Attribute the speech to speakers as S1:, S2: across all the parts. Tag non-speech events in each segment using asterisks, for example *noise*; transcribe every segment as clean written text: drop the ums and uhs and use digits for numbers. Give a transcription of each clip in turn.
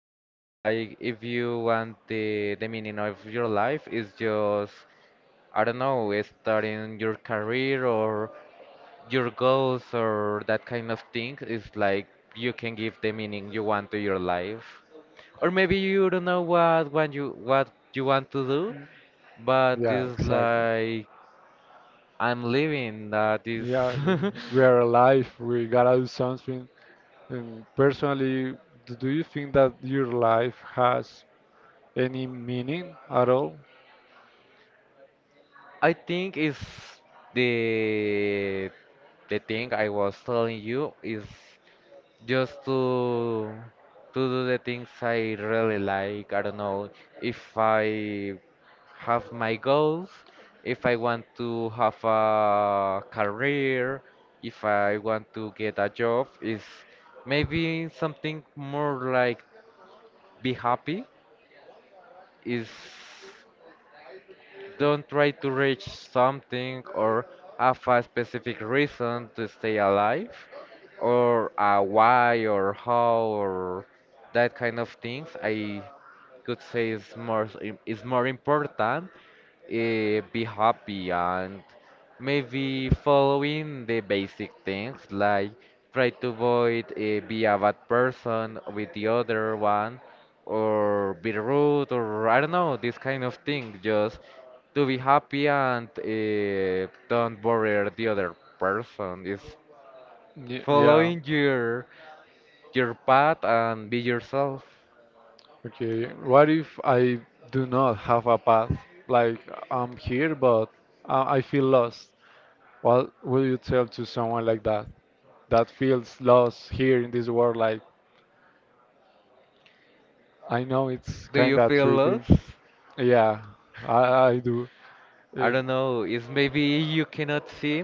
S1: more like if you want the meaning of your life is just, I don't know, starting your career or your goals or that kind of thing. It's like you can give the meaning you want to your life. Or maybe you don't know what when you what you want to do, but
S2: Yeah,
S1: it's
S2: exactly.
S1: like I'm living that is
S2: Yeah,
S1: *laughs*
S2: we are alive. We gotta do something. And personally, do you think that your life has any meaning at all?
S1: I think is the the thing I was telling you is just to do the things I really like. I don't know if I have my goals, if I want to have a career, if I want to get a job, is maybe something more like be happy is. Don't try to reach something or have a specific reason to stay alive or a why or how or that kind of things. I could say is more is more important, be happy, and maybe following the basic things like try to avoid be a bad person with the other one or be rude or I don't know this kind of thing, just to be happy and don't bother the other person is
S2: Yeah.
S1: following your path and be yourself.
S2: Okay. What if I do not have a path? Like I'm here, but I feel lost. What will you tell to someone like that that feels lost here in this world? Like I know it's
S1: Do
S2: kind
S1: you
S2: of
S1: feel
S2: tricky.
S1: lost?
S2: Yeah, I I do.
S1: I
S2: Uh,
S1: don't know, it's maybe you cannot see.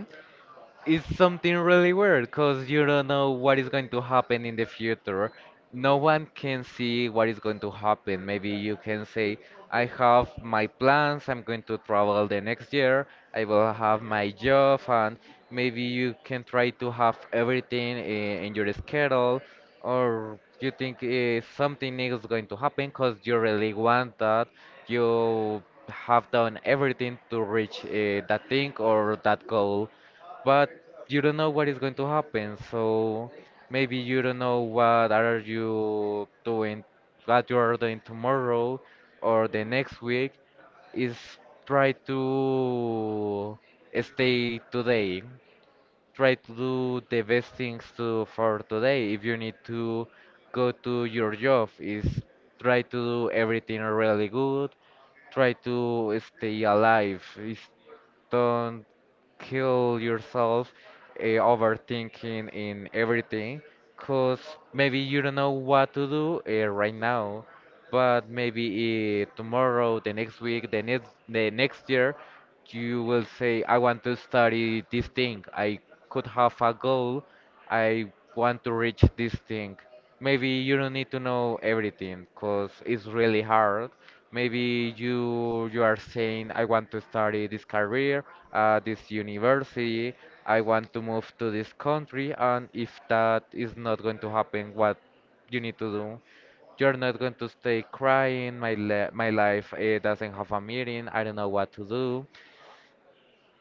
S1: It's something really weird because you don't know what is going to happen in the future. No one can see what is going to happen. Maybe you can say, I have my plans, I'm going to travel the next year, I will have my job, and maybe you can try to have everything in your schedule, or you think something is going to happen because you really want that. You have done everything to reach that thing or that goal, but you don't know what is going to happen. So maybe you don't know what are you doing, what you are doing tomorrow or the next week. Is try to stay today. Try to do the best things to for today. If you need to go to your job, is try to do everything really good. Try to stay alive. Is don't kill yourself, overthinking in everything, because maybe you don't know what to do right now, but maybe tomorrow, the next week, the next year you will say I want to study this thing, I could have a goal, I want to reach this thing. Maybe you don't need to know everything because it's really hard. Maybe you are saying, I want to study this career at this university, I want to move to this country, and if that is not going to happen, what you need to do? You're not going to stay crying, my life, doesn't have a meaning, I don't know what to do.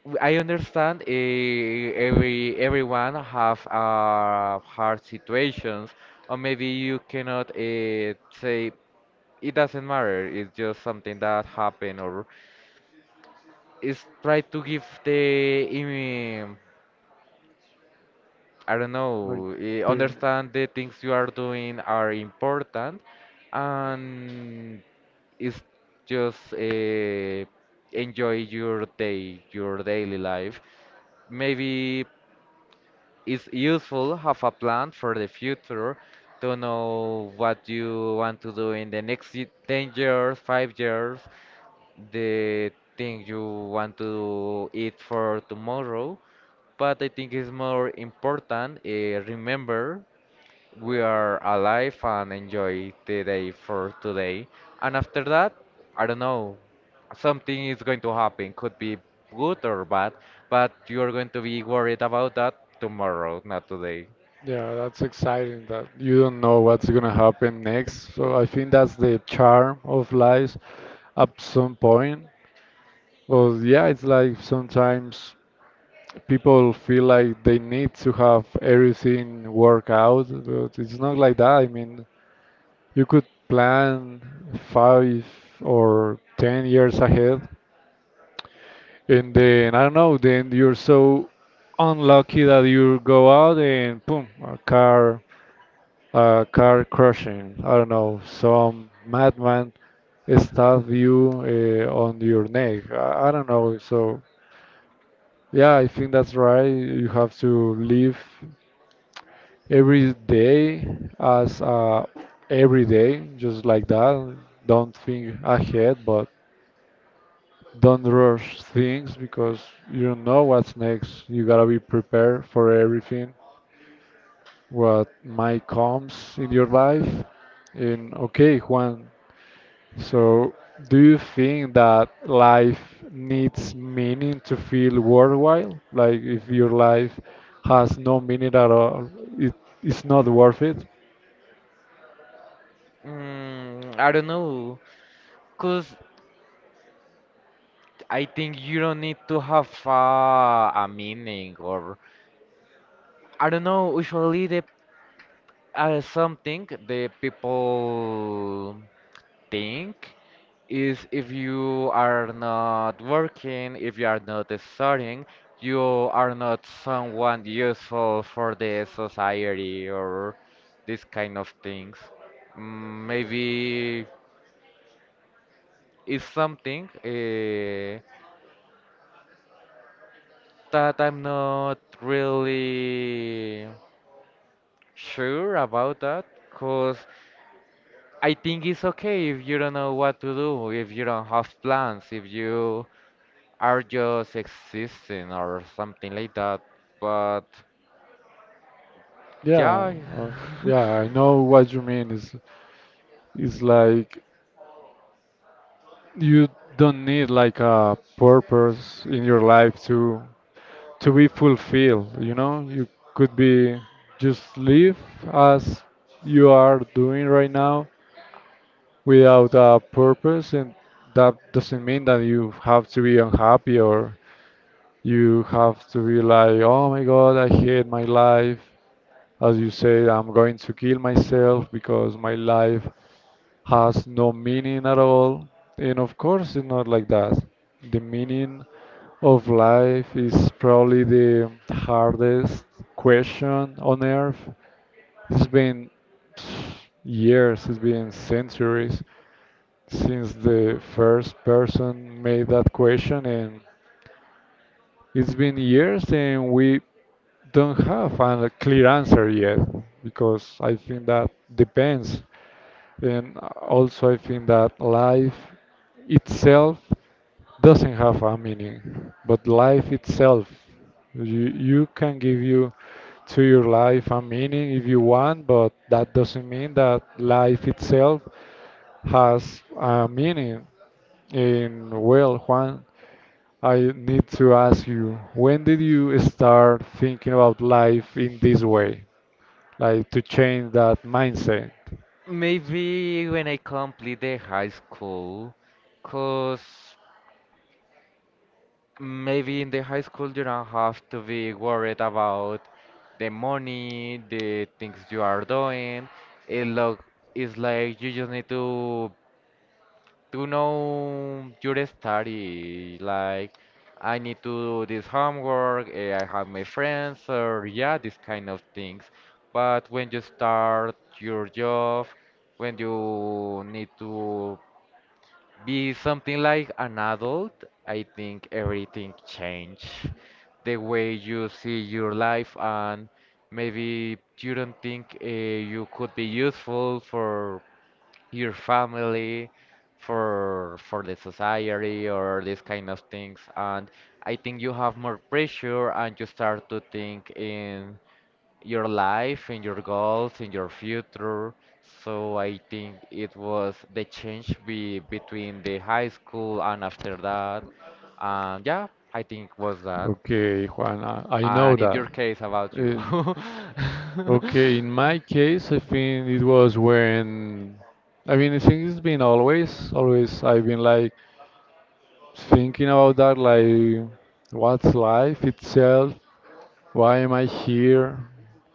S1: I understand, everyone have hard situations, or maybe you cannot say it doesn't matter. It's just something that happened, or it's try to give the I don't
S2: like,
S1: know,
S2: there.
S1: understand the things you are doing are important, and it's just enjoy your day, your daily life. Maybe it's useful have a plan for the future to know what you want to do in the next 10 years, 5 years, the thing you want to eat for tomorrow, but I think it's more important. Remember, we are alive and enjoy the day for today. And after that, I don't know, something is going to happen. Could be good or bad, but you're going to be worried about that tomorrow, not today.
S2: Yeah, that's exciting that you don't know what's gonna happen next. So I think that's the charm of life at some point. Well, yeah, it's like sometimes people feel like they need to have everything work out, but it's not like that. I mean, you could plan 5 or 10 years ahead, and then I don't know, then you're so unlucky that you go out and boom, a car crushing. I don't know, some madman stab you on your neck. I don't know. So yeah, I think that's right. You have to live every day as every day, just like that. Don't think ahead, but don't rush things because you don't know what's next. You gotta be prepared for everything what might comes in your life. And okay, Juan, so, do you think that life needs meaning to feel worthwhile? Like, if your life has no meaning at all, it, it's not worth it?
S1: I don't know, cause I think you don't need to have a meaning or I don't know. Usually, the something the people think is if you are not working, if you are not studying, you are not someone useful for the society or this kind of things. Maybe it's something that I'm not really sure about that, cause I think it's okay if you don't know what to do, if you don't have plans, if you are just existing or something like that. But
S2: Yeah,
S1: yeah.
S2: uh,
S1: *laughs*
S2: yeah, I know what you mean. It's like you don't need like a purpose in your life to be fulfilled, you know? You could be just live as you are doing right now without a purpose, and that doesn't mean that you have to be unhappy or you have to be like, oh my god, I hate my life, as you said, I'm going to kill myself because my life has no meaning at all, and of course it's not like that. The meaning of life is probably the hardest question on earth. It's been pff, years, it's been centuries since the first person made that question, and it's been years, and we don't have a clear answer yet because I think that depends. And also, I think that life itself doesn't have a meaning, but life itself, you can give you to your life a meaning if you want, but that doesn't mean that life itself has a meaning. And well, Juan, I need to ask you, when did you start thinking about life in this way? Like to change that mindset?
S1: Maybe when I complete the high school, cause maybe in the high school you don't have to be worried about the money, the things you are doing. It look, it's like you just need to know your study. Like, I need to do this homework, I have my friends, or yeah, these kind of things. But when you start your job, when you need to be something like an adult, I think everything change. The way you see your life and maybe you don't think you could be useful for your family, for the society or these kind of things. And I think you have more pressure and you start to think in your life, in your goals, in your future. So I think it was the change be, between the high school and after that. And yeah, I think was that.
S2: Okay, Juan, I know
S1: And in
S2: that.
S1: your case, about you.
S2: Uh,
S1: *laughs*
S2: okay, in my case, I think it was when, I mean, I think it's been always, always I've been like thinking about that, like, what's life itself? Why am I here?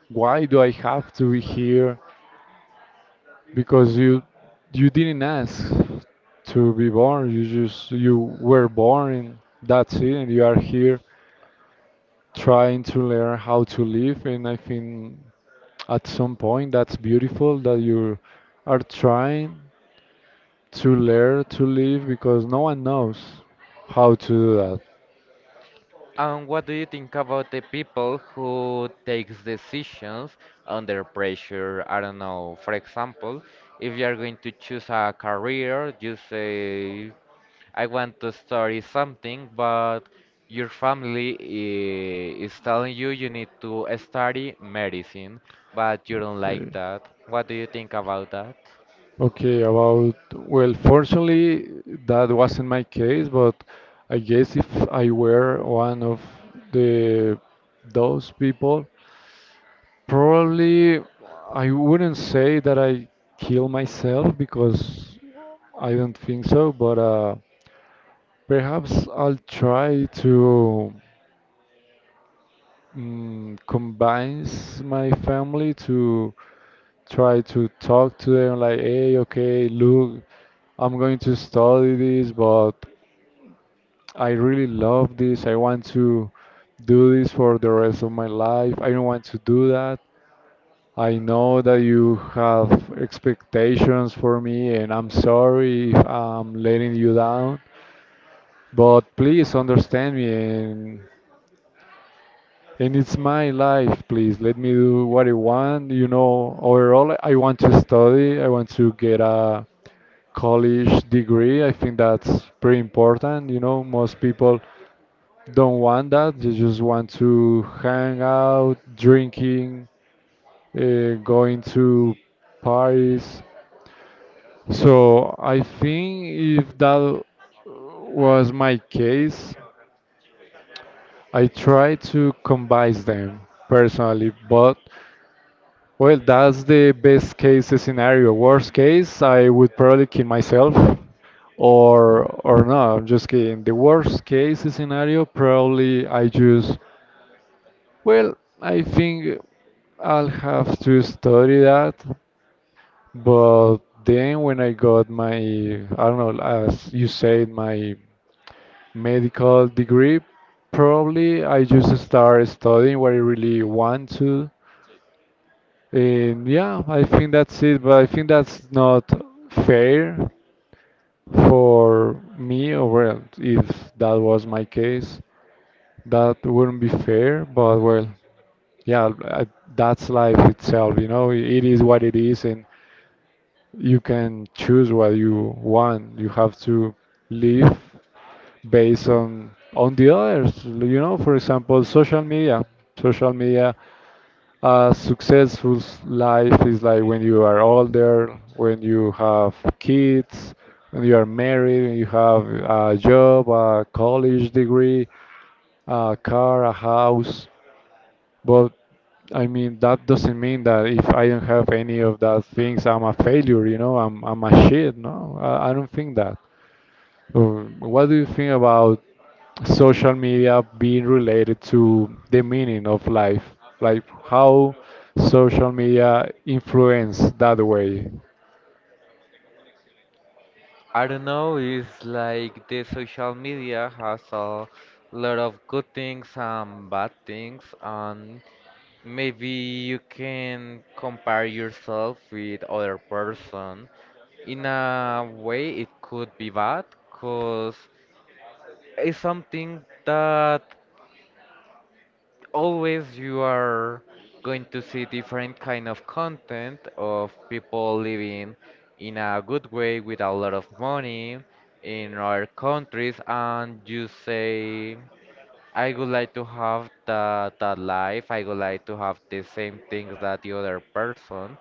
S2: Why do I have to be here? Because you didn't ask to be born. You just, you were born, and that's it, and you are here trying to learn how to live, and I think at some point that's beautiful that you are trying to learn to live because no one knows how to do that.
S1: And what do you think about the people who takes decisions under pressure? I don't know. For example, if you are going to choose a career, you say, I want to study something, but your family is telling you you need to study medicine, but you don't like
S2: Okay,
S1: that. What do you think about that?
S2: okay, about, well, fortunately, that wasn't my case, but I guess if I were one of the those people, probably I wouldn't say that I kill myself because I don't think so, but perhaps I'll try to combines my family to try to talk to them like, hey, okay, look, I'm going to study this, but I really love this. I want to do this for the rest of my life. I don't want to do that. I know that you have expectations for me, and I'm sorry if I'm letting you down, but please understand me, and it's my life, please. Let me do what I want. You know, overall, I want to study. I want to get a college degree. I think that's pretty important. You know, most people don't want that. They just want to hang out, drinking, going to parties. So I think if that was my case, I try to combine them personally, but well, that's the best case scenario. Worst case, I would probably kill myself, or no, I'm just kidding. The worst case scenario, probably I just well, I think I'll have to study that. But then when I got my, I don't know, as you said, my medical degree, probably I just start studying what I really want to. And yeah, I think that's it, but I think that's not fair for me, or well, if that was my case, that wouldn't be fair, but well, yeah, I, that's life itself, you know, it is what it is, and you can choose what you want. You have to live based on the others, you know, for example, social media. Social media, a successful life is like when you are older, when you have kids, when you are married, when you have a job, a college degree, a car, a house. But I mean, that doesn't mean that if I don't have any of that things, I'm a failure, you know, I'm a shit, no? I don't think that. What do you think about social media being related to the meaning of life, like how social media influence that way.
S1: I don't know, it's like the social media has a lot of good things and bad things, and maybe you can compare yourself with other person. In a way, it could be bad, cause it's something that always you are going to see different kind of content of people living in a good way with a lot of money in our countries, and you say I would like to have that, that life, I would like to have the same things that the other person,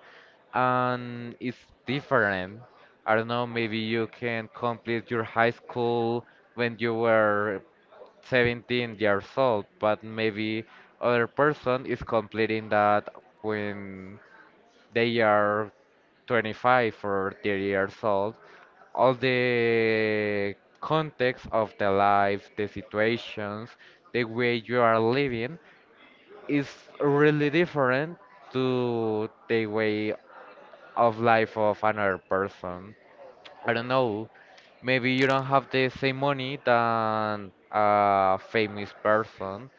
S1: and it's different. I don't know, maybe you can complete your high school when you were 17 years old, but maybe other person is completing that when they are 25 or 30 years old. All the context of the life, the situations, the way you are living is really different to the way of life of another person. I don't know, maybe you don't have the same money than a famous person.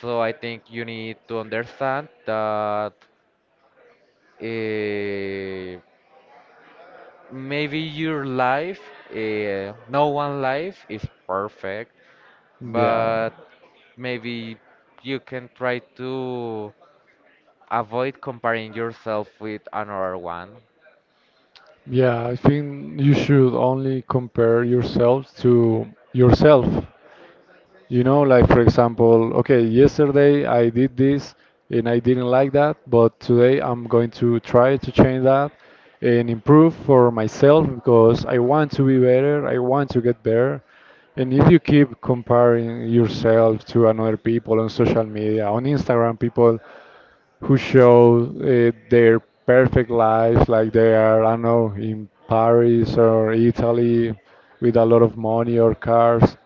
S1: So I think you need to understand that, eh, maybe your life, no one life is perfect,
S2: Yeah,
S1: but maybe you can try to avoid comparing yourself with another one
S2: yeah. I think you should only compare yourself to yourself. You know, like for example, okay, yesterday I did this and I didn't like that, but today I'm going to try to change that and improve for myself because I want to be better, I want to get better. And if you keep comparing yourself to another people on social media, on Instagram, people who show their perfect lives, like they are, I don't know, in Paris or Italy with a lot of money or cars,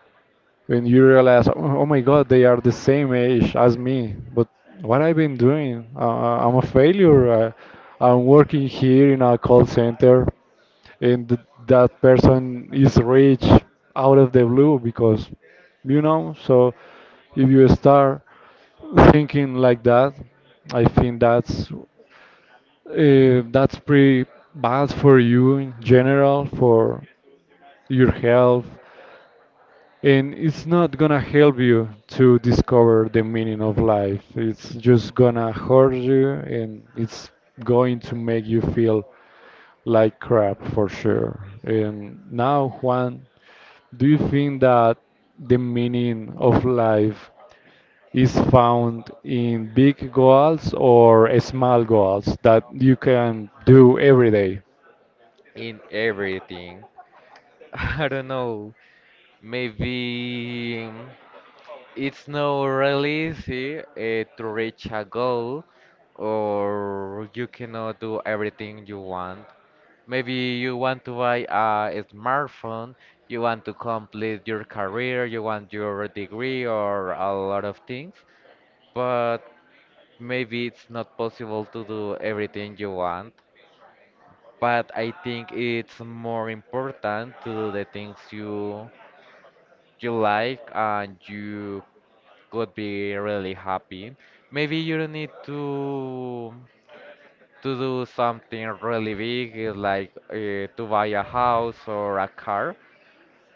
S2: when you realize, oh, oh my God, they are the same age as me, but what I've been doing, I'm a failure. I'm working here in a call center and that person is rich out of the blue because you know. So if you start thinking like that, I think that's pretty bad for you in general for your health, and it's not gonna help you to discover the meaning of life. It's just gonna hurt you, and it's going to make you feel like crap for sure. And now, Juan, do you think that the meaning of life is found in big goals or small goals that you can do every day?
S1: in everything. *laughs* I don't know, maybe it's not really easy to reach a goal or you cannot do everything you want. Maybe you want to buy a smartphone, you want to complete your career, you want your degree or a lot of things, but maybe it's not possible to do everything you want. But I think it's more important to do the things you you like, and you could be really happy. Maybe you don't need to do something really big, like to buy a house or a car,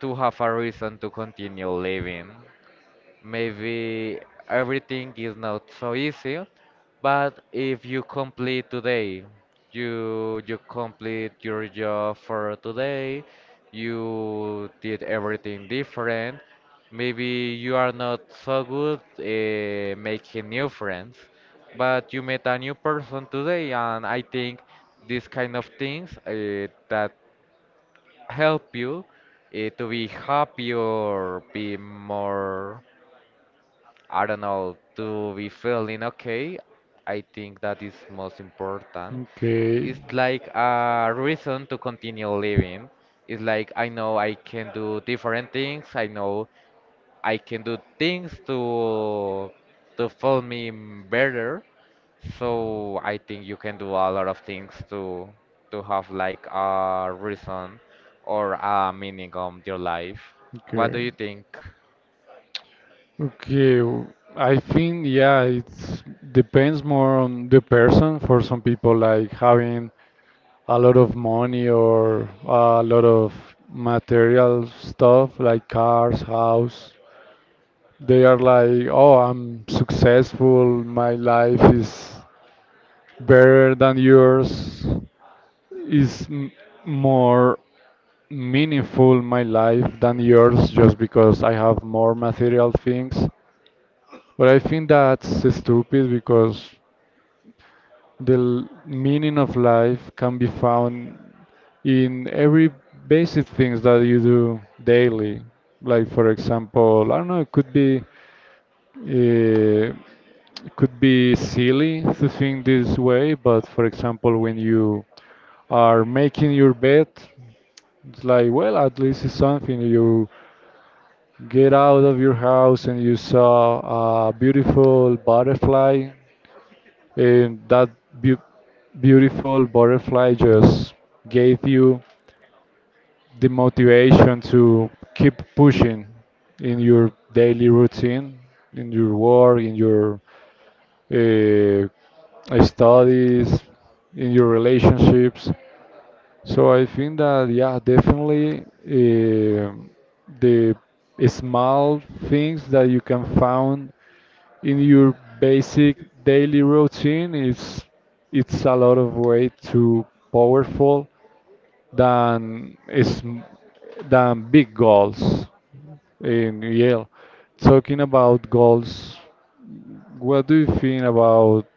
S1: to have a reason to continue living. Maybe everything is not so easy, but if you complete today, you complete your job for today, you did everything different. Maybe you are not so good making new friends, but you met a new person today, and I think these kind of things that help you to be happy or be more, I don't know, to be feeling okay, I think that is most important. It's
S2: Okay,
S1: like a reason to continue living. It's like I know I can do different things. I know I can do things to feel me better. So I think you can do a lot of things to have like a reason or a meaning of your life. What do
S2: okay.
S1: you think?
S2: Okay, w- I think yeah, it depends more on the person. For some people, like having a lot of money or a lot of material stuff, like cars, house, they are like, oh, I'm successful. My life is better than yours. Is more meaningful my life than yours just because I have more material things. But I think that's stupid because the meaning of life can be found in every basic things that you do daily. Like for example, I don't know, it could be uh, silly to think this way, but for example, when you are making your bed, it's like, well, at least it's something. You get out of your house and you saw a beautiful butterfly. And that beautiful butterfly just gave you the motivation to keep pushing in your daily routine, in your work, in your studies, in your relationships. So I think that yeah, definitely the small things that you can find in your basic daily routine, it's a lot of way too powerful than is than big goals in Yale. Talking about goals, what do you think about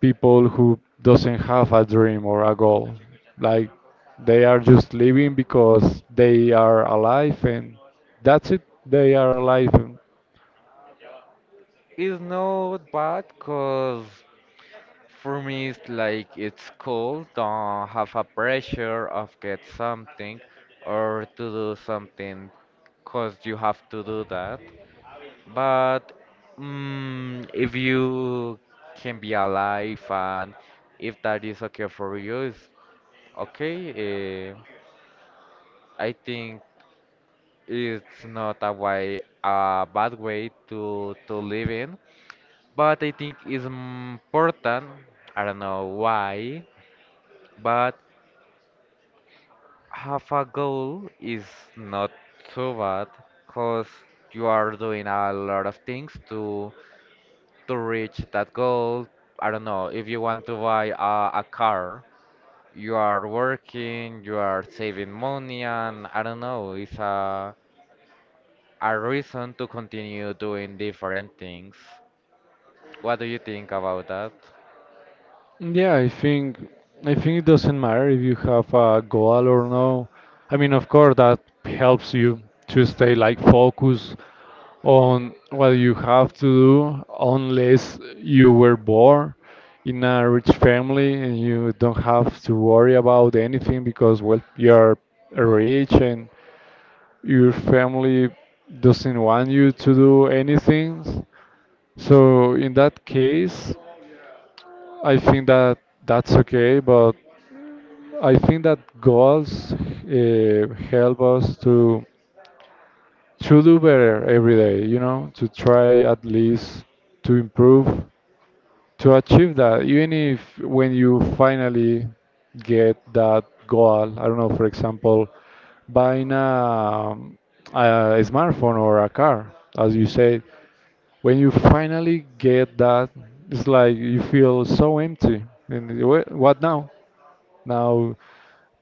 S2: people who doesn't have a dream or a goal? Like they are just living because they are alive and that's it. They are alive. And
S1: It's not bad because for me, it's like it's cool. Don't have a pressure of get something or to do something because you have to do that. But if you can be alive and if that is okay for you, it's okay. Uh, I think it's not a way a bad way to live in, but I think it's important. I don't know why, but half a goal is not too bad because you are doing a lot of things to reach that goal. I don't know, if you want to buy a car, you are working, you are saving money, and I don't know, it's a reason to continue doing different things. What do you think about that?
S2: yeah, I think it doesn't matter if you have a goal or no. I mean, of course, that helps you to stay like focused on what you have to do, unless you were born in a rich family and you don't have to worry about anything because, well, you're rich and your family doesn't want you to do anything. So in that case, I think that that's okay, but I think that goals help us to do better every day. You know, to try at least to improve, to achieve that. Even if when you finally get that goal, I don't know, for example, buying a smartphone or a car, as you said, when you finally get that, it's like you feel so empty. And what now? Now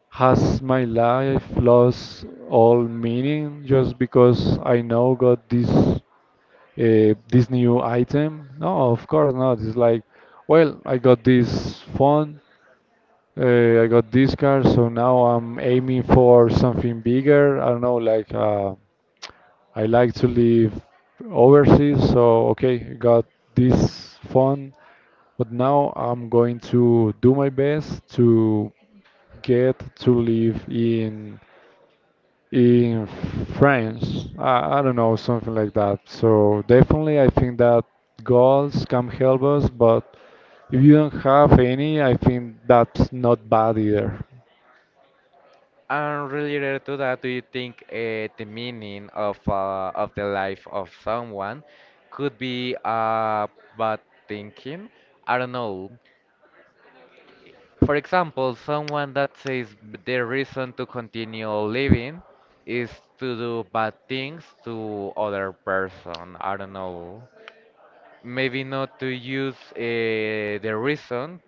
S2: has my life lost all meaning just because I now got this this new item? No, of course not. It's like, well, I got this phone, I got this car, so now I'm aiming for something bigger. I don't know, I like to live overseas, so okay, got this phone, but now I'm going to do my best to get to live in France. I don't know, something like that. So definitely, I think that goals can help us, but if you don't have any, I think that's not bad either.
S1: And related to that, do you think the meaning of the life of someone could be bad thinking? I don't know. For example, someone that says their reason to continue living is to do bad things to other person. I don't know. Maybe not to use the reason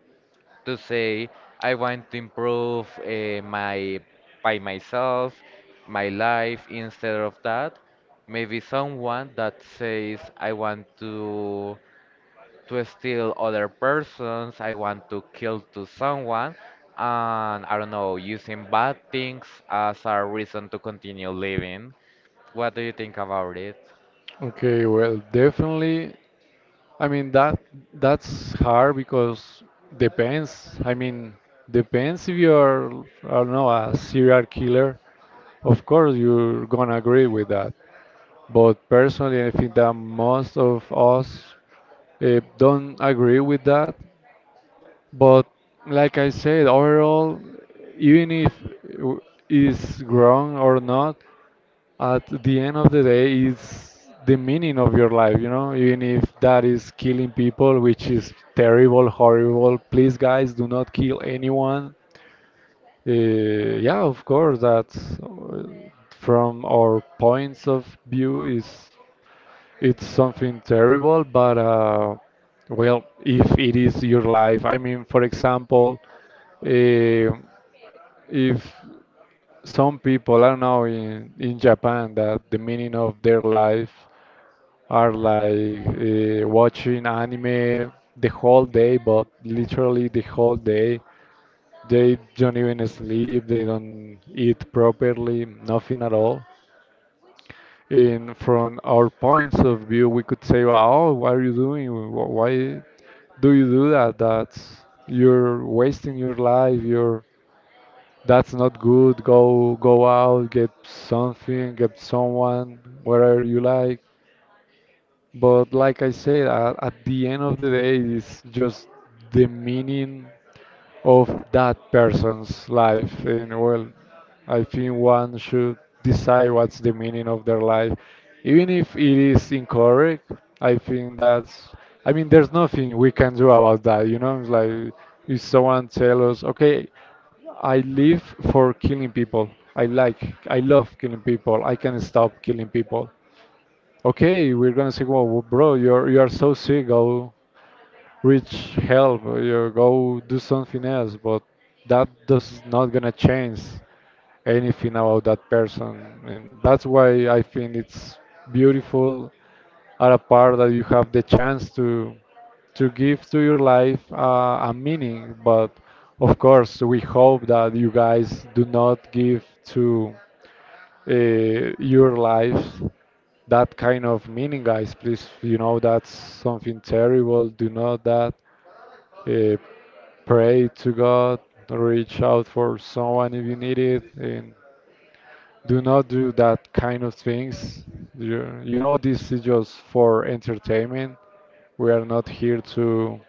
S1: to say I want to improve my by myself, my life instead of that. Maybe someone that says I want to steal other persons, I want to kill to someone, and I don't know, using bad things as a reason to continue living. What do you think about it?
S2: Okay, well, definitely I mean that that's hard because depends. I mean depends if you're, I don't know, a serial killer. Of course you're gonna agree with that. But personally, I think that most of us don't agree with that. But like I said, overall, even if is wrong or not, at the end of the day is the meaning of your life, even if that is killing people, which is terrible, horrible. Please guys, do not kill anyone. Yeah of course, that's from our points of view, is it's something terrible, but well, if it is your life, I mean, for example, eh, if some people, I don't know, in Japan, that the meaning of their life are like watching anime the whole day, but literally the whole day. They don't even sleep, they don't eat properly, nothing at all. In from our points of view, we could say, "Oh, what are you doing? Why do you do that? That's, you're wasting your life. You're, that's not good. Go out, get something, get someone, whatever you like." But like I said, at the end of the day, it's just the meaning of that person's life. And well, I think one should decide what's the meaning of their life. Even if it is incorrect, I think that's, I mean, there's nothing we can do about that, you know? It's like if someone tells us, okay, I live for killing people. I like, I love killing people. I can stop killing people. Okay, we're gonna say, well, bro, you are so sick. Go reach help. You go do something else. But that does not gonna change anything about that person, and that's why I think it's beautiful at a part that you have the chance to give to your life a meaning. But of course, we hope that you guys do not give to your life that kind of meaning, guys. Please, you know, that's something terrible. Do not that. Uh, Pray to God, reach out for someone if you need it, and do not do that kind of things. You know, this is just for entertainment. We are not here to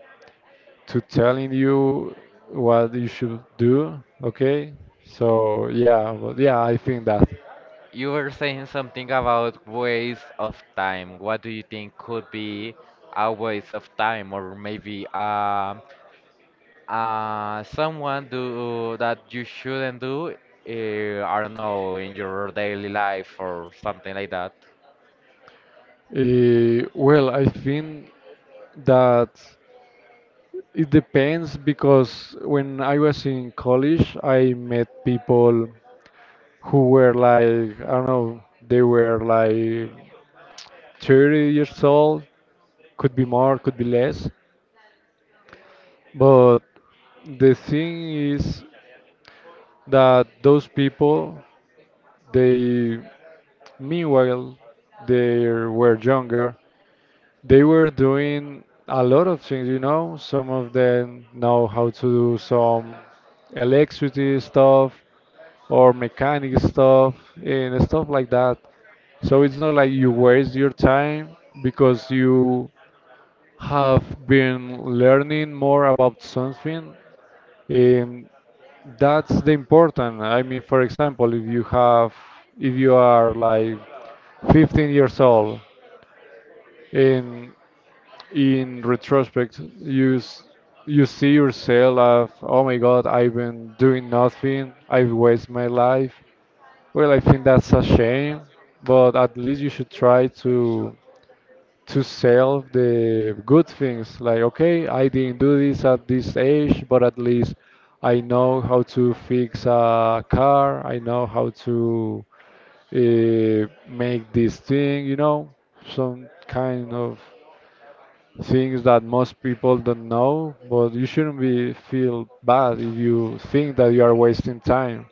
S2: telling you what you should do. Okay, so yeah, but yeah, I think that.
S1: You were saying something about waste of time. What do you think could be a waste of time, or maybe someone do that you shouldn't do? I don't know, in your daily life or something like that.
S2: Well, I think that it depends because when I was in college, I met people who were like, I don't know, they were like 30 years old, could be more, could be less. But the thing is that those people, they, meanwhile, they were younger. They were doing a lot of things, you know. Some of them know how to do some electricity stuff or mechanic stuff and stuff like that. So it's not like you waste your time because you have been learning more about something. And that's the important. I mean, for example, if you have, if you are like 15 years old, and in retrospect, you see yourself of, oh my God, I've been doing nothing. I've wasted my life. Well, I think that's a shame, but at least you should try to sell the good things. Like, okay, I didn't do this at this age, but at least I know how to fix a car. I know how to make this thing. You know, some kind of things that most people don't know, but you shouldn't be feel bad if you think that you are wasting time.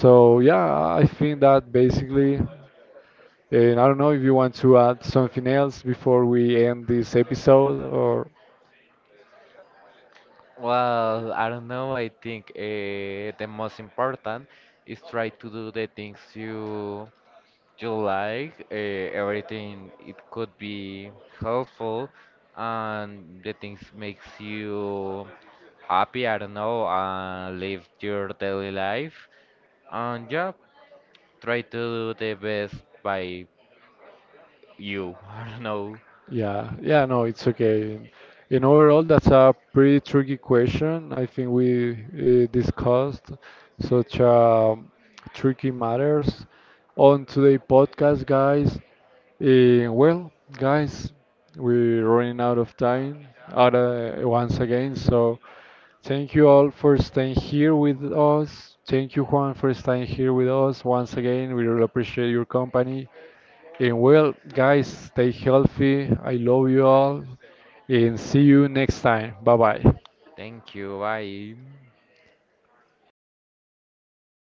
S2: So yeah, I think that basically, and I don't know if you want to add something else before we end this episode or.
S1: Well, I don't know. I think the most important is try to do the things you you like, everything it could be helpful, and the things makes you happy. I don't know, and live your daily life, and yeah, try to do the best by you. *laughs* I don't know.
S2: Yeah, yeah, no, it's okay. And overall, that's a pretty tricky question. I think we discussed such tricky matters on today's podcast, guys. Well, guys, we're running out of time out once again. So thank you all for staying here with us. Thank you, Juan, for staying here with us once again. We really appreciate your company. And well, guys, stay healthy. I love you all. And see you next time. Bye bye.
S1: Thank you. Bye.